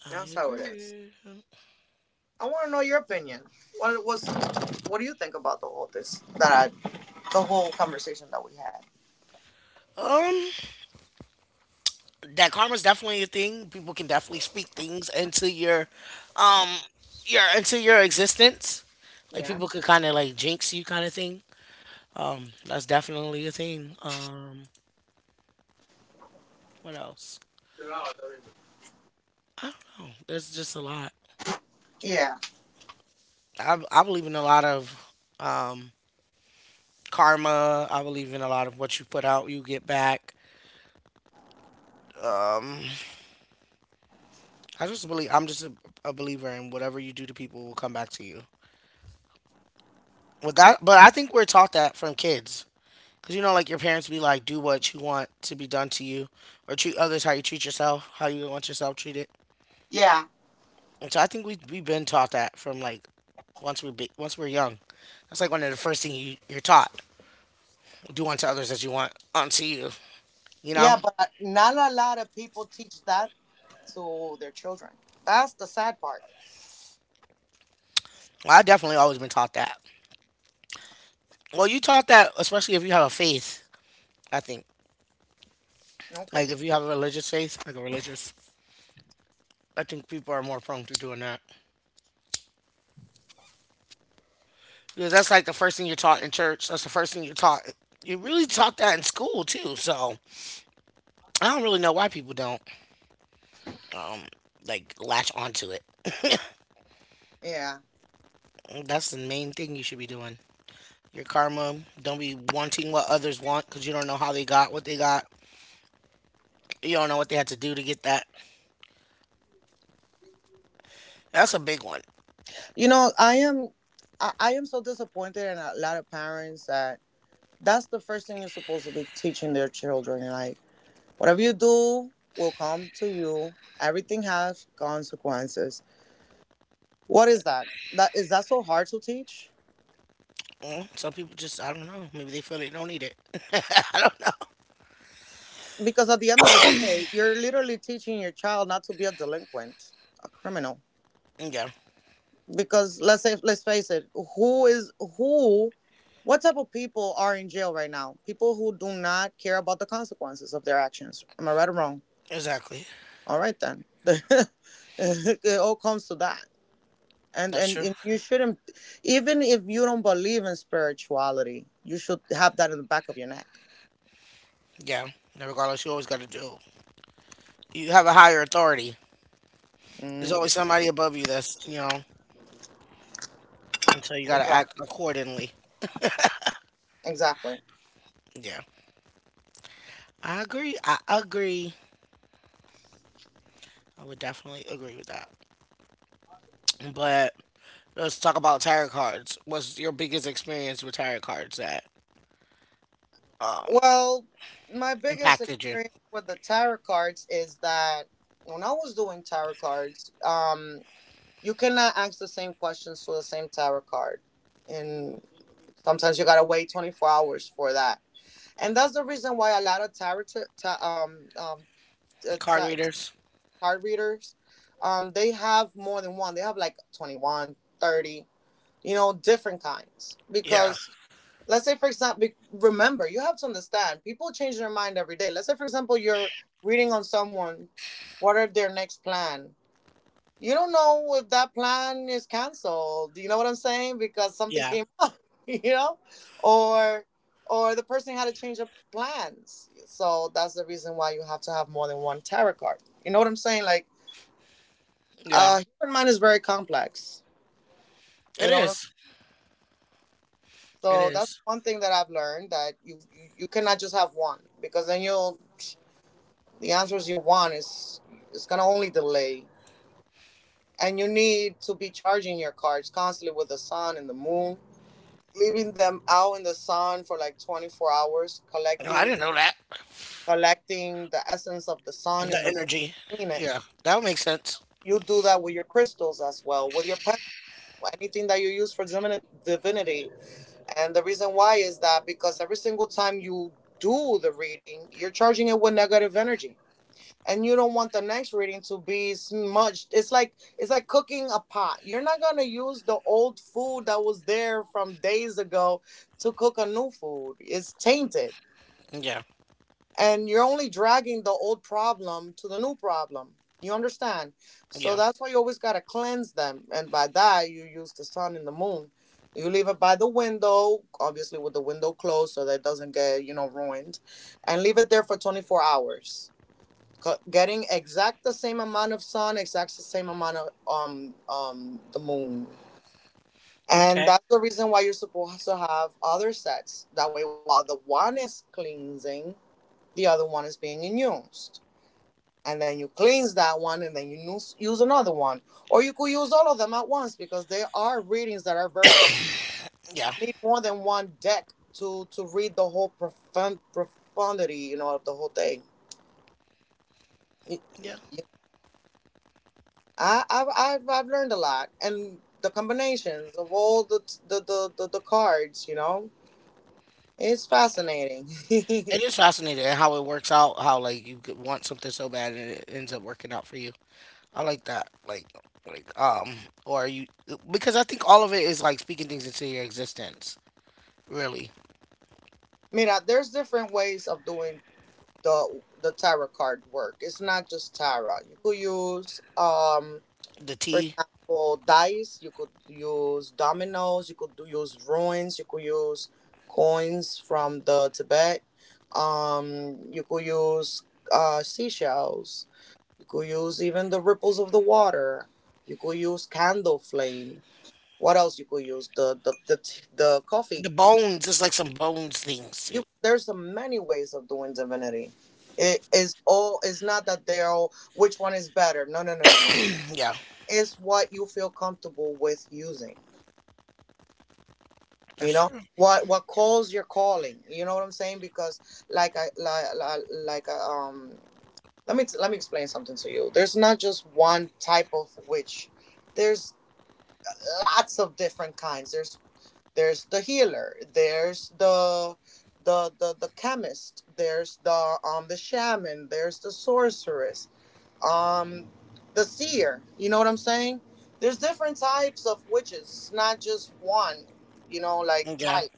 I That's how it is. agree. I want to know your opinion. What was what do you think about the whole conversation that we had? Um. That karma's definitely a thing. People can definitely speak things into your um into your existence. Like Yeah. people could kind of like jinx you kind of thing. That's definitely a thing. What else? There's just a lot. Yeah. I believe in a lot of um karma. I believe in a lot of what you put out, you get back. Um I just believe I'm just a believer in whatever you do to people will come back to you. With that, but I think we're taught that from kids. Cause like your parents be like, do what you want to be done to you, or treat others how you treat yourself, how you want yourself treated. Yeah. And so I think we've been taught that from like once we're young. That's like one of the first things you're taught. Do unto others as you want unto you. You Yeah, know. but not a lot of people teach that to their children. That's the sad part. Well, I definitely always been taught that. Well, you taught that especially if you have a faith. I think Okay. like if you have a religious faith, I think people are more prone to doing that because that's like the first thing you're taught in church. That's the first thing you're taught. You really taught that in school too. So I don't really know why people don't um like latch onto it. Yeah. That's the main thing you should be doing. Your karma. Don't be wanting what others want because you don't know how they got what they got. You don't know what they had to do to get that. That's a big one. You know, I am so disappointed in a lot of parents. That that's the first thing you're supposed to be teaching their children. Like, whatever you do will come to you. Everything has consequences. What is that? That is that so hard to teach? Some people just I don't know. Maybe they feel they don't need it. I don't Because at the end of the day, you're literally teaching your child not to be a delinquent, a criminal. know. Yeah, Because let's say, let's face it, who is who what type of people are in jail right now? People who do not care about the consequences of their actions. Am I right or wrong? exactly. All right then. It all comes to that. and, That's and true. and you shouldn't, even if you don't believe in spirituality, you should have that in the back of your neck. Yeah. And regardless, you always got to do. You have a higher authority. There's always Mm. somebody above you that's, you know, and so you got to act Exactly. accordingly. Exactly. Yeah, I agree. I agree. I would definitely agree with that. But let's talk about tarot cards. What's your biggest experience with tarot cards that um Well, my biggest impacted you? experience with the tarot cards is that when I was doing tarot cards, you cannot ask the same questions to the same tarot card. And sometimes you gotta wait 24 hours for that. And that's the reason why a lot of tarot uh, Card ta- readers? card readers, they have more than one. They have like 21 30, you know, different kinds. Yeah. Because let's say for example, remember, you have to understand, people change their mind every day. Let's say for example you're reading on someone, what are their next plan? You don't know if that plan is canceled. Do you know what I'm saying? Because something Yeah. came up, you know, or or the person had to change their plans. So that's the reason why you have to have more than one tarot card. You know what I'm saying? Like, Yeah. Human mind is very complex. It You know what I'm. is. It So that's is. one thing that I've learned, that you cannot just have one, because then you'll, the answers you want, is it's gonna only delay. And you need to be charging your cards constantly with the sun and the moon, leaving them out in the sun for like 24 hours, No, I didn't know that. collecting the essence of the sun The and the moon energy. to clean it. Yeah. That would make sense. You do that with your crystals as well, with your pen, anything that you use for divinity. And the reason why is that because every single time you do the reading, you're charging it with negative energy and you don't want the next reading to be smudged. It's like, cooking a pot. You're not gonna use the old food that was there from days ago to cook a new food. It's tainted, Yeah. and you're only dragging the old problem to the new problem. You understand? So Yeah. that's why you always gotta cleanse them, and by that you use the sun and the moon. You leave it by the window, obviously with the window closed so that it doesn't get, you know, ruined. And leave it there for 24 hours, getting exact the same amount of sun, exact the same amount of the moon. And Okay. that's the reason why you're supposed to have other sets. That way, while the one is cleansing, the other one is being used. And then you cleanse that one and then you use another one. Or you could use all of them at once because there are readings that are very complex. Yeah. Need more than one deck to read the whole profound profundity, you know, of the whole thing. It, Yeah. I, I've learned a lot, and the combinations of all the cards, you know, it's fascinating. It is fascinating how it works out, how like you could want something so bad and it ends up working out for you. I like that. Like, or you because I think all of it is like speaking things into your existence. Really. Mira, there's different ways of doing the tarot card work. It's not just tarot. You could use. The For tea. example, dice. You could use dominoes. You could use ruins. You could use coins from the Tibet. You could use seashells. You could use even the ripples of the water. You could use candle flame. What else you could use? The coffee. The bones is like some bones things too. You There's a many ways of doing divinity. It is all. It's not that they're all. Which one is better? No, no, no, no, no. Yeah, It's what you feel comfortable with using. You that's know true. what calls your calling. You know what I'm saying? Because like I, Let me explain something to you. There's not just one type of witch. There's lots of different kinds. There's the healer. There's the chemist. There's the shaman. There's the sorceress. Um, the seer. You know what I'm saying? There's different types of witches. It's not just one. You know, like, Yeah. type.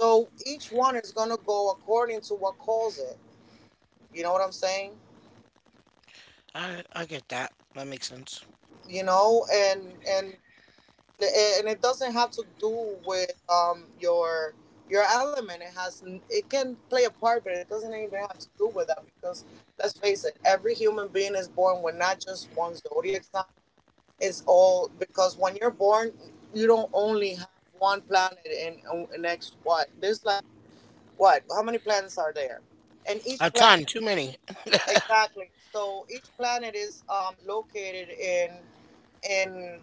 So each one is gonna go according to what calls it. You know what I'm saying? I get that. That makes sense. You know, and it doesn't have to do with your element. It can play a part, but it doesn't even have to do with that, because, let's face it, every human being is born with not just one zodiac sign. It's all because when you're born, you don't only have one planet, and next, what, there's, like, what how many planets are there? And each A planet ton, too is. many. Exactly. So each planet is located in.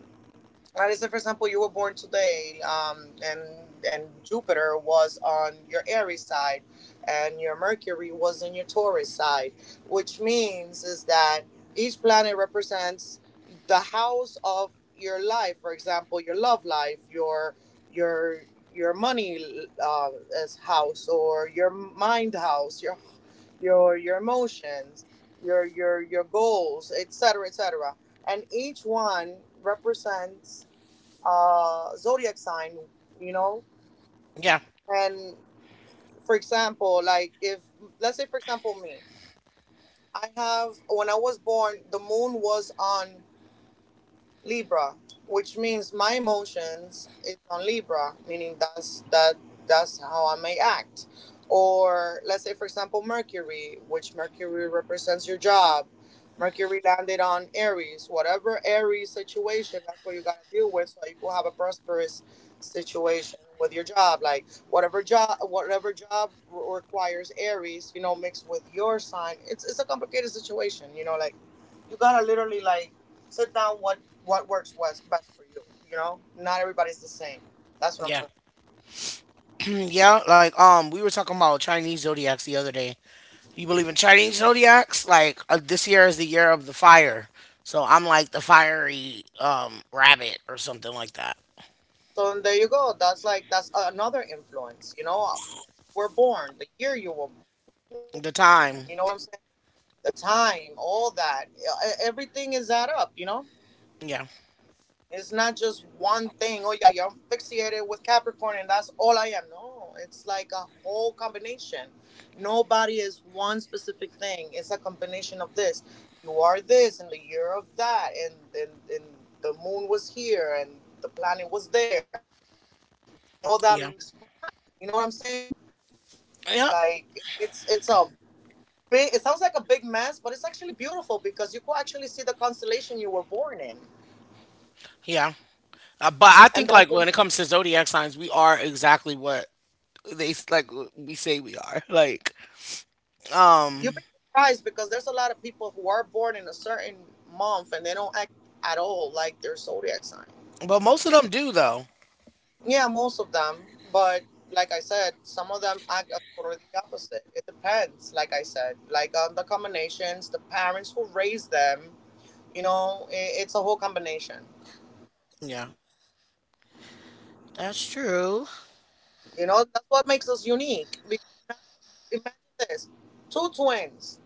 Let's say, for example, you were born today, and Jupiter was on your Aries side, and your Mercury was on your Taurus side, which means is that each planet represents the house of your life. For example, your love life, your your your money, as house, or your mind house, your your emotions, your your goals, etc., etc., and each one represents a zodiac sign, you know. Yeah. And, for example, like, if, let's say, for example, me, I have, when I was born, the moon was on Libra, which means my emotions is on Libra, meaning that's how I may act. Or let's say, for example, Mercury, which Mercury represents your job. Mercury landed on Aries. Whatever Aries situation, that's what you gotta deal with, so you will have a prosperous situation with your job. Like whatever job requires Aries, you know, mixed with your sign. It's a complicated situation, you know, like you gotta literally like sit down. What works best for you? You know, not everybody's the same. That's what I'm Yeah. trying to say. Mm, yeah, like we were talking about Chinese zodiacs the other day. You believe in Chinese zodiacs? Like this year is the year of the fire. So I'm like the fiery rabbit or something like that. So there you go. That's like that's another influence. You know, when you were born, the year you were born. You know The what I'm saying? time. The time, all that, everything is add up. You know. Yeah. It's not just one thing. Oh, yeah, you're fixated with Capricorn and that's all I am. No, it's like a whole combination. Nobody is one specific thing. It's a combination of this. You are this in the year of that, and and the moon was here and the planet was there. And then all that makes Yeah. fun. You know what I'm saying? Yeah. Like it's it's a it sounds like a big mess, but it's actually beautiful because you could actually see the constellation you were born in. Yeah. But And I that's think the like when it comes to zodiac signs, we are exactly what they like we say we are. You'd be um surprised because there's a lot of people who are born in a certain month and they don't act at all like their zodiac sign. but most of them do though. Yeah, most of them. But, like I said, some of them act as totally the opposite. It depends, like I said, like on the combinations, the parents who raised them, you know, I it's a whole combination. Yeah. That's true. You know, that's what makes us unique. Because now, imagine this, two twins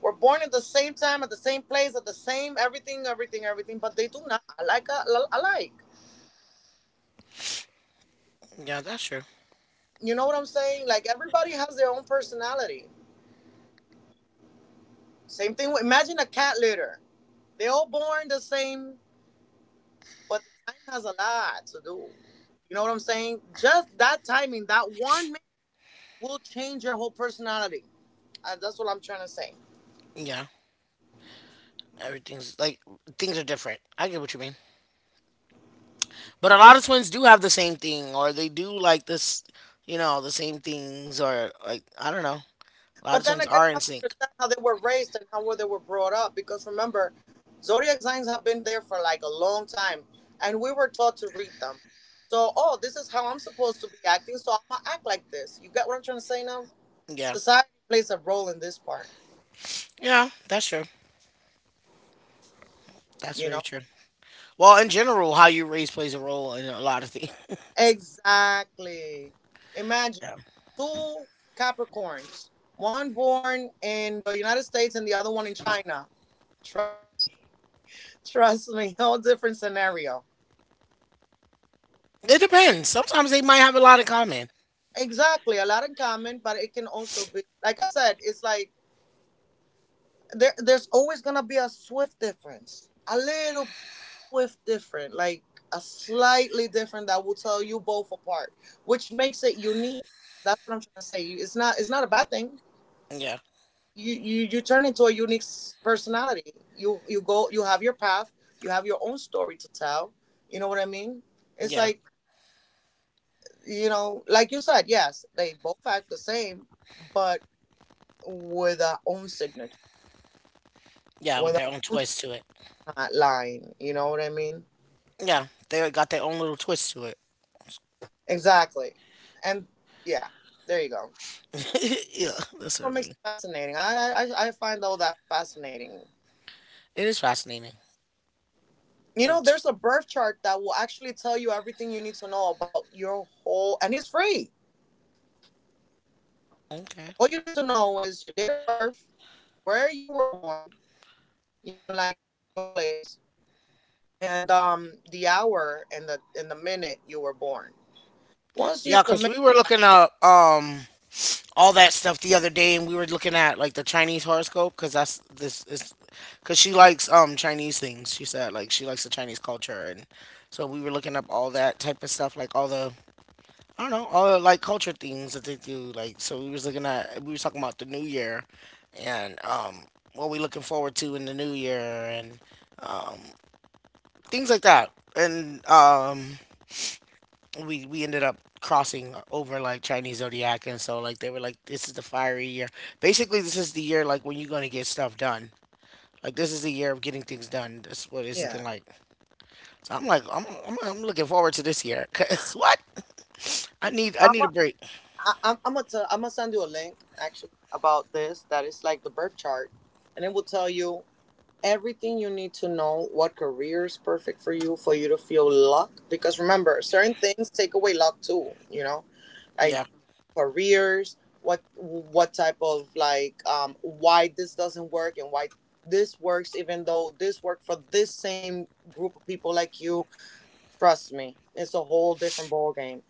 were born at the same time, at the same place, at the same everything, everything, everything, but they do not alike, alike. Yeah, that's true. You know what I'm saying? Like everybody has their own personality. Same thing. With, imagine a cat litter. They all born the same, but the time has a lot to do. You know what I'm saying? Just that timing, that 1 minute will change your whole personality. And that's what I'm trying to say. Yeah. Everything's like Things are different. I get what you mean. But a lot of twins do have the same thing or they do like this, the same things or like I don't know. A lot But of then twins again, you are in have to sync. understand how they were raised and how they were brought up. Because remember, zodiac signs have been there for like a long time, and we were taught to read them. So, oh, this is how I'm supposed to be acting, so I'm gonna act like this. You get what I'm trying to say now? Yeah. Society plays a role in this part, Yeah, that's true. That's you know? very true. Well, in general, how you raise plays a role in a lot of things. Exactly. Imagine Yeah. two Capricorns, one born in the United States and the other one in China. Trust me. Trust me. Whole different scenario. It depends. Sometimes they might have a lot in common. Exactly, a lot in common, but it can also be, like I said, it's like there's always gonna be a swift difference, a little swift different, like a slightly different that will tell you both apart, which makes it unique. That's what I'm trying to say. It's not a bad thing. Yeah. You turn into a unique personality. You have your path, you have your own story to tell. You know what I mean? It's Yeah. like, you know, like you said, yes, they both act the same, but with our own signature, Yeah, with with our their own own twist to it. smart line. You know what I mean? Yeah. They got their own little twist to it. Exactly. And, yeah, there you go. Yeah, that's what What I makes mean. it fascinating? I find all that fascinating. It is fascinating. You know, It's- there's a birth chart that will actually tell you everything you need to know about your whole, and it's free. Okay. All you need to know is your date of birth, where you were born, you know, like in what place, and the hour and the minute you were born. Once you Yeah, submit, because we were looking up all that stuff the other day, and we were looking at like the Chinese horoscope because that's this is because she likes Chinese things. She said like she likes the Chinese culture, and so we were looking up all that type of stuff, like all the I don't know, all the, like culture things that they do. Like, so we was talking about the new year, and what we looking forward to in the new year, and things like that. And we ended up crossing over like Chinese zodiac, and so like they were like, this is the fiery year. Basically, this is the year like when you're gonna get stuff done. Like this is the year of getting things done. That's what it's yeah. looking like. So I'm like, I'm looking forward to this year. Cause what? I need a break. I, I'm gonna tell, I'm gonna send you a link actually about this. That is like the birth chart, and it will tell you everything you need to know. What career is perfect for you to feel luck? Because remember, certain things take away luck too. You know, like Yeah. careers. What type of, like, why this doesn't work and why this works even though this worked for this same group of people, like you. Trust me, it's a whole different ball game.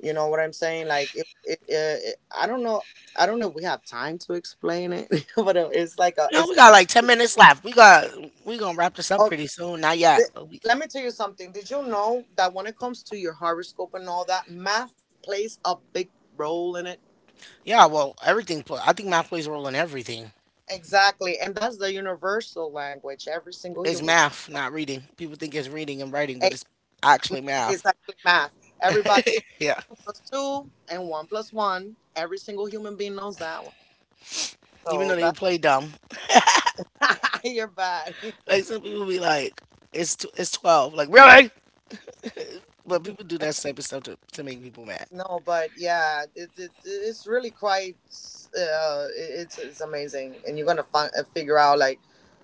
You know what I'm saying? Like it, it I don't know. I don't know if we have time to explain it, but it's like a No, it's. we got like 10 minutes left. We gonna wrap this up Oh, pretty soon. Not yet, th- but we let me tell you something. Did you know that when it comes to your horoscope and all that, math plays a big role in it? yeah. Well, everything. Pl- I think math plays a role in everything. Exactly, and that's the universal language. Every single It's human math, not reading. People think it's reading and writing, but it- it's actually it's math. actually math. Everybody knows Yeah, two plus two and one plus one. Every single human being knows that one. even though So they play dumb, that, you're bad. like some people be like, "It's tw- it's 12." Like really? But people do that type of stuff to make people mad. No, but yeah, it's really quite it- it's amazing, and you're going to find, figure out like,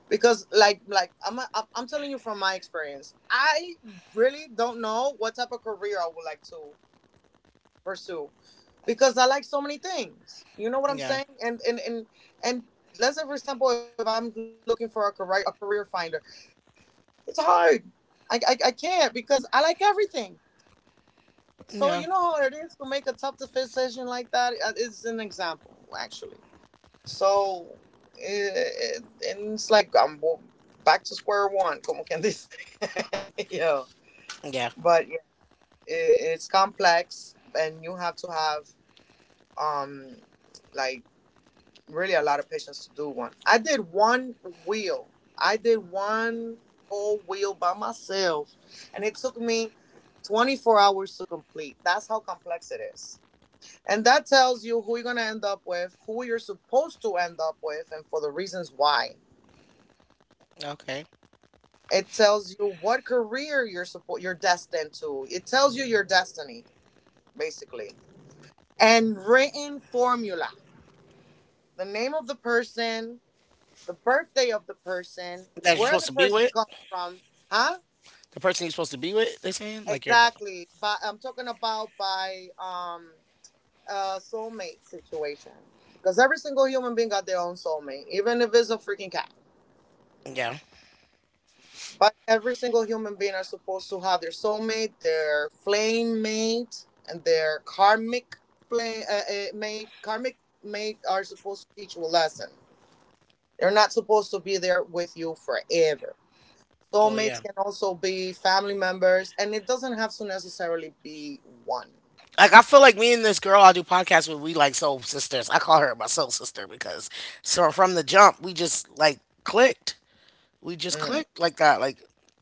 because I'm I'm telling you from my experience. I really don't know what type of career I would like to pursue because I like so many things. You know what I'm Yeah, saying? And let's say, for example, if I'm looking for a career finder, it's hard. I can't because I like everything. So yeah, you know how it is to make a tough decision like that. It's an example, actually. So it, and it's like back to square one. Como quien dice. you know? yeah. But yeah, it's complex, and you have to have um like really a lot of patience to do one. I did one wheel. I did one whole wheel by myself, and it took me 24 hours to complete. That's how complex it is. And that tells you who you're going to end up with, who you're supposed to end up with, and for the reasons why. Okay, It tells you what career you're destined to. It tells you your destiny, basically. And written formula. The name of the person, the birthday of the person, that you're where supposed the to be person with comes from, huh? the person you're supposed to be with. They're saying like you're. D- Exactly. But I'm talking about by soulmate situation. Because every single human being got their own soulmate, even if it's a freaking cat. Yeah. But every single human being are supposed to have their soulmate, their flame mate, and their karmic flame, mate. Karmic mate are supposed to teach you a lesson. They're not supposed to be there with you forever. Well, yeah. Soulmates can also be family members, and it doesn't have to necessarily be one. Like I feel like me and this girl I do podcasts with, we like soul sisters. I call her my soul sister because so from the jump we just like clicked. We just Mm. clicked like that, like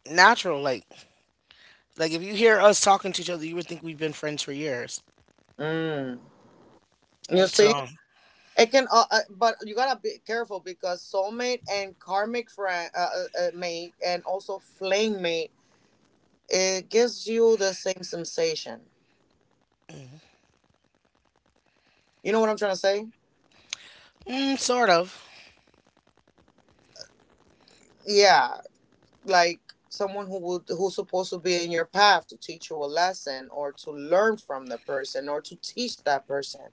natural. Like if you hear us talking to each other, you would think we've been friends for years. Mm. You see, So it can, but you gotta be careful, because soulmate and karmic friend, mate, and also flame mate, it gives you the same sensation. You know what I'm trying to say? mm, sort of. Yeah, like someone who's supposed to be in your path to teach you a lesson or to learn from the person or to teach that person.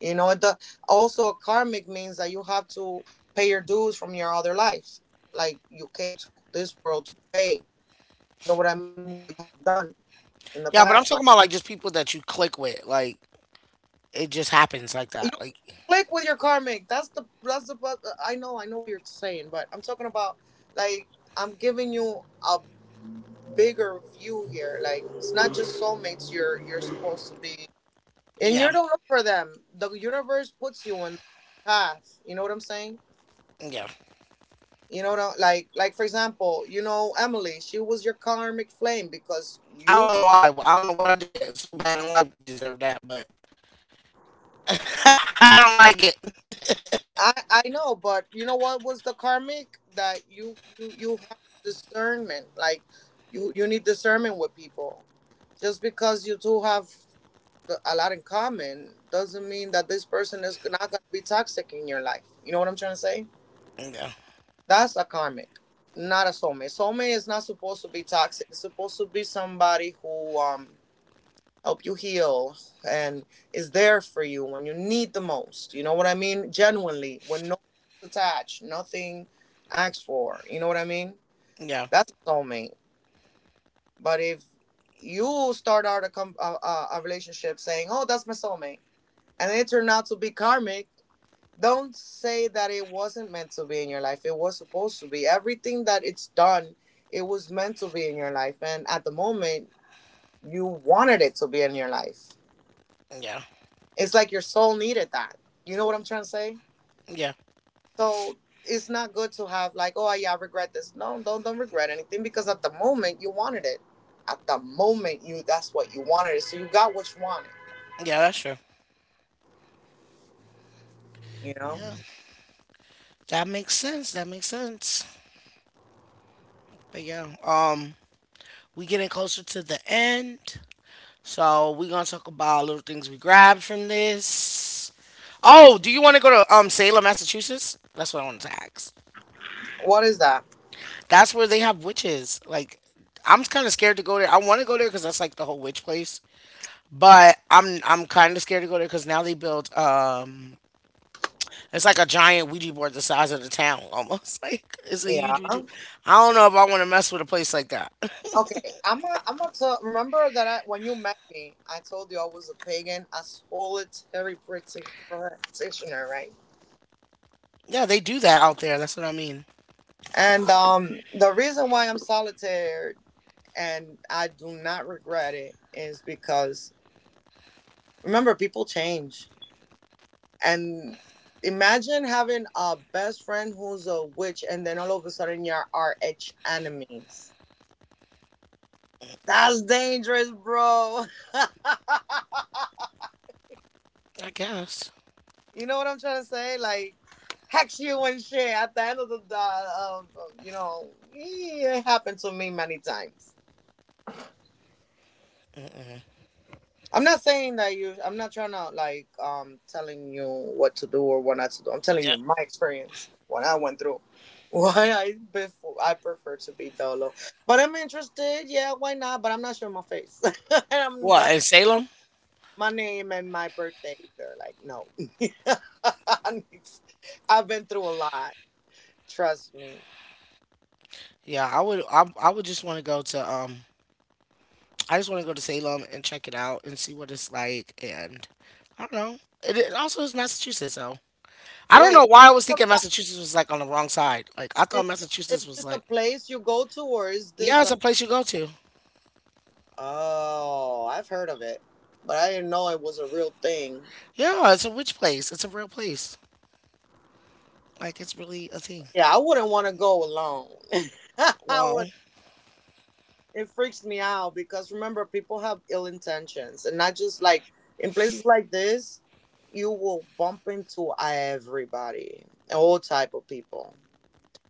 You know, it do, also karmic means that you have to pay your dues from your other life. Like you came to this world to pay. You know what I mean? What you have done in the Yeah, but past I'm life. talking about like just people that you click with. Like it just happens like You that. Like click with your karmic. That's the. I know what you're saying, but I'm talking about like I'm giving you a bigger view here. Like it's not just soulmates. You're supposed to be, and yeah, you don't look for them. The universe puts you on the path. You know what I'm saying? yeah. Like for example, you know Emily. She was your karmic flame because I you don't know why. I don't know what I did so bad in life deserved that, but I don't like it. I I know, but you know what was the karmic that you have discernment. Like you need discernment with people. Just because you two have a lot in common doesn't mean that this person is not gonna be toxic in your life. You know what I'm trying to say? Yeah, That's a karmic, not a soulmate. Soulmate is not supposed to be toxic. It's supposed to be somebody who help you heal and is there for you when you need the most, you know what I mean? Genuinely, when no attached, nothing asked for, you know what I mean? yeah, That's a soulmate. But if you start out a, com- a relationship saying, oh, that's my soulmate, and it turned out to be karmic, don't say that it wasn't meant to be in your life. It was supposed to be. Everything that it's done, it was meant to be in your life, and at the moment you wanted it to be in your life. yeah, It's like your soul needed that. You know what I'm trying to say? yeah. So it's not good to have like, oh yeah, I regret this. No, don't regret anything, because at the moment you wanted it. At the moment you that's what you wanted it. So you got what you wanted. Yeah, that's true. You know? Yeah, that makes sense. That makes sense. But yeah, we getting closer to the end, so we gonna talk about little things we grabbed from this. Oh, do you want to go to Salem, Massachusetts? That's what I wanted to ask. What is that? That's where they have witches. Like, I'm kind of scared to go there. I want to go there because that's like the whole witch place. But I'm kind of scared to go there because now they build It's like a giant Ouija board the size of the town, almost. Like it's a Yeah. huge Ouija. I don't know if I want to mess with a place like that. Okay. I'm gonna tell, remember that I, when you met me, I told you I was a pagan, a practitioner, right? Yeah, they do that out there. That's what I mean. And the reason why I'm solitary and I do not regret it is because, remember, people change. And imagine having a best friend who's a witch, and then all of a sudden you're our arch enemies. That's dangerous, bro. I guess. You know what I'm trying to say? Like, hex you and shit. At the end of the, you know, it happened to me many times. I'm not saying that you. I'm not trying to like telling you what to do or what not to do. I'm telling Yeah. you my experience, what I went through. Why I, before, I prefer to be dolo. But I'm interested. Yeah, why not? But I'm not showing my face, and I'm What definitely in Salem? my name and my birthday either. Like no, I need- I've been through a lot. Trust me. Yeah, I would. I would just want to go to. I just want to go to Salem and check it out and see what it's like. And I don't know. It also is Massachusetts, though. I don't Wait, know I- why I was thinking I- Massachusetts was like on the wrong side. Like I is thought Massachusetts is was this a like, place you go to, or is yeah, this it's a a place you go to. oh, I've heard of it, but I didn't know it was a real thing. Yeah, it's a witch place. It's a real place. Like it's really a thing. Yeah, I wouldn't want to go alone. I would. Wow. It freaks me out because, remember, people have ill intentions, and not just like in places like this, you will bump into everybody, all type of people.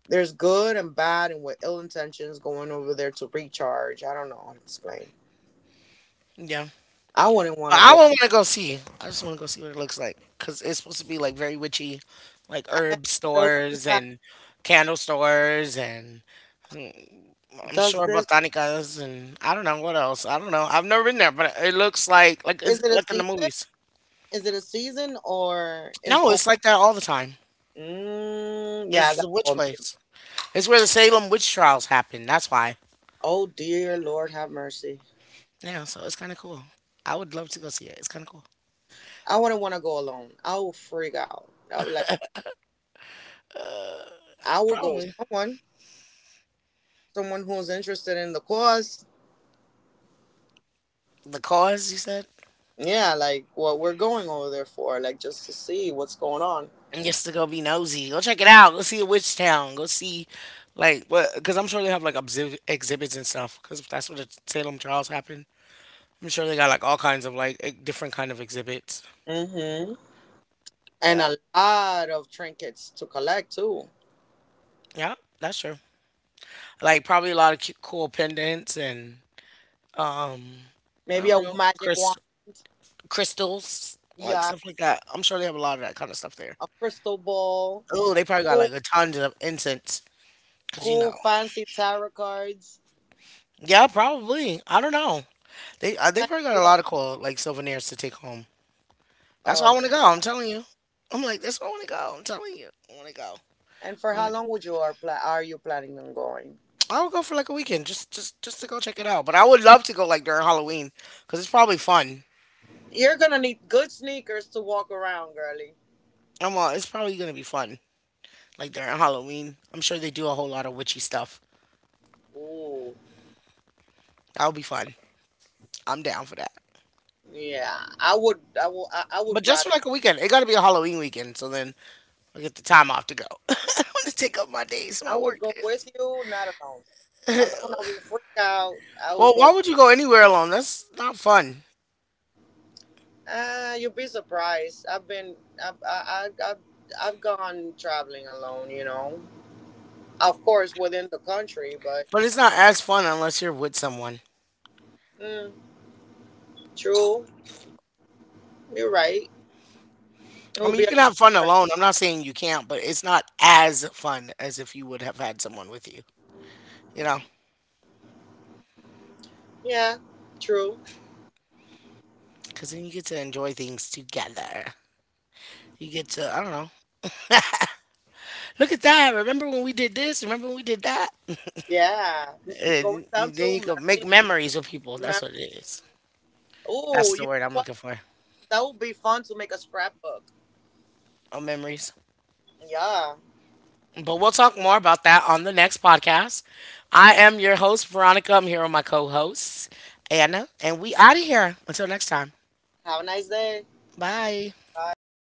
There's good and bad, and with ill intentions going over there to recharge. I don't know how to explain. Yeah. I wouldn't want But to I go. would want to go see. I just want to go see what it looks like because it's supposed to be like very witchy, like And herb does this stores have? and candle stores and mm, I'm Does sure this? botanicas and I don't know what else. I don't know. I've never been there, but it looks like Is it's it a like in the season? movies. Is it a season or is No, oh it's like that all the time. Yeah, I It's gotta the go. witch place. It's where the Salem witch trials happen. That's why. Oh dear Lord have mercy. Yeah. So it's kind of cool. I would love to go see it. It's kind of cool. I wouldn't want to go alone. I will freak out. I would like I will go with Probably someone. Someone who's interested in the cause. the cause you said. Yeah, like what we're going over there for, like just to see what's going on. And just to go be nosy. Go check it out. Go see a witch town. Go see like what? Because I'm sure they have like obsi- exhibits and stuff. Because that's what the Salem trials happened. I'm sure they got like all kinds of like e- different kind of exhibits. Mm-hmm. And Yeah, a lot of trinkets to collect too. yeah, that's true. Like probably a lot of cute, cool pendants and I Maybe don't a know magic wand. crys- crystals, like Yeah, stuff like that. I'm sure they have a lot of that kind of stuff there. a crystal ball. Oh, they probably got like Cool, a ton of incense. Cause you know, cool fancy tarot cards. yeah, probably. I don't know. They probably got a lot of cool like souvenirs to take home. That's where Oh, I th- want to go. yeah. I'm telling you. I'm like, that's where I want to go. I'm telling you. I want to go. And for I how want to go. long would are you planning on going? I would go for like a weekend just to go check it out. But I would love to go like during Halloween because it's probably fun. You're gonna need good sneakers to walk around, girly. I'm it's probably gonna be fun like during Halloween. I'm sure they do a whole lot of witchy stuff. Ooh, That would be fun. I'm down for that. yeah. I would But just for rather. like a weekend, it got to be a Halloween weekend. So then I get the time off to go. I want to take up my days, I my would work go with days. you, not alone. Alone, I will freak out. I will Well, why go. would you go anywhere alone? That's not fun. Ah, you'll be surprised. I've been, I've, I, I've gone traveling alone. You know, of course within the country, but But it's not as fun unless you're with someone. mm, true. You're right. It I would mean, you be a can have nice fun experience. alone. I'm not saying you can't, but it's not as fun as if you would have had someone with you, you know? Yeah, true. Because then you get to enjoy things together. You get to, I don't know, look at that. Remember when we did this? Remember when we did that? Yeah, m- going And down then to you can make memory, memories with people. That's what memory it is. lane. That's Oh, the you word know I'm what? looking for. That would be fun to make a scrapbook. Oh, memories. Yeah. But we'll talk more about that on the next podcast. I am your host, Veronica. I'm here with my co host, Anna. And we out of here. Until next time. Have a nice day. Bye. Bye.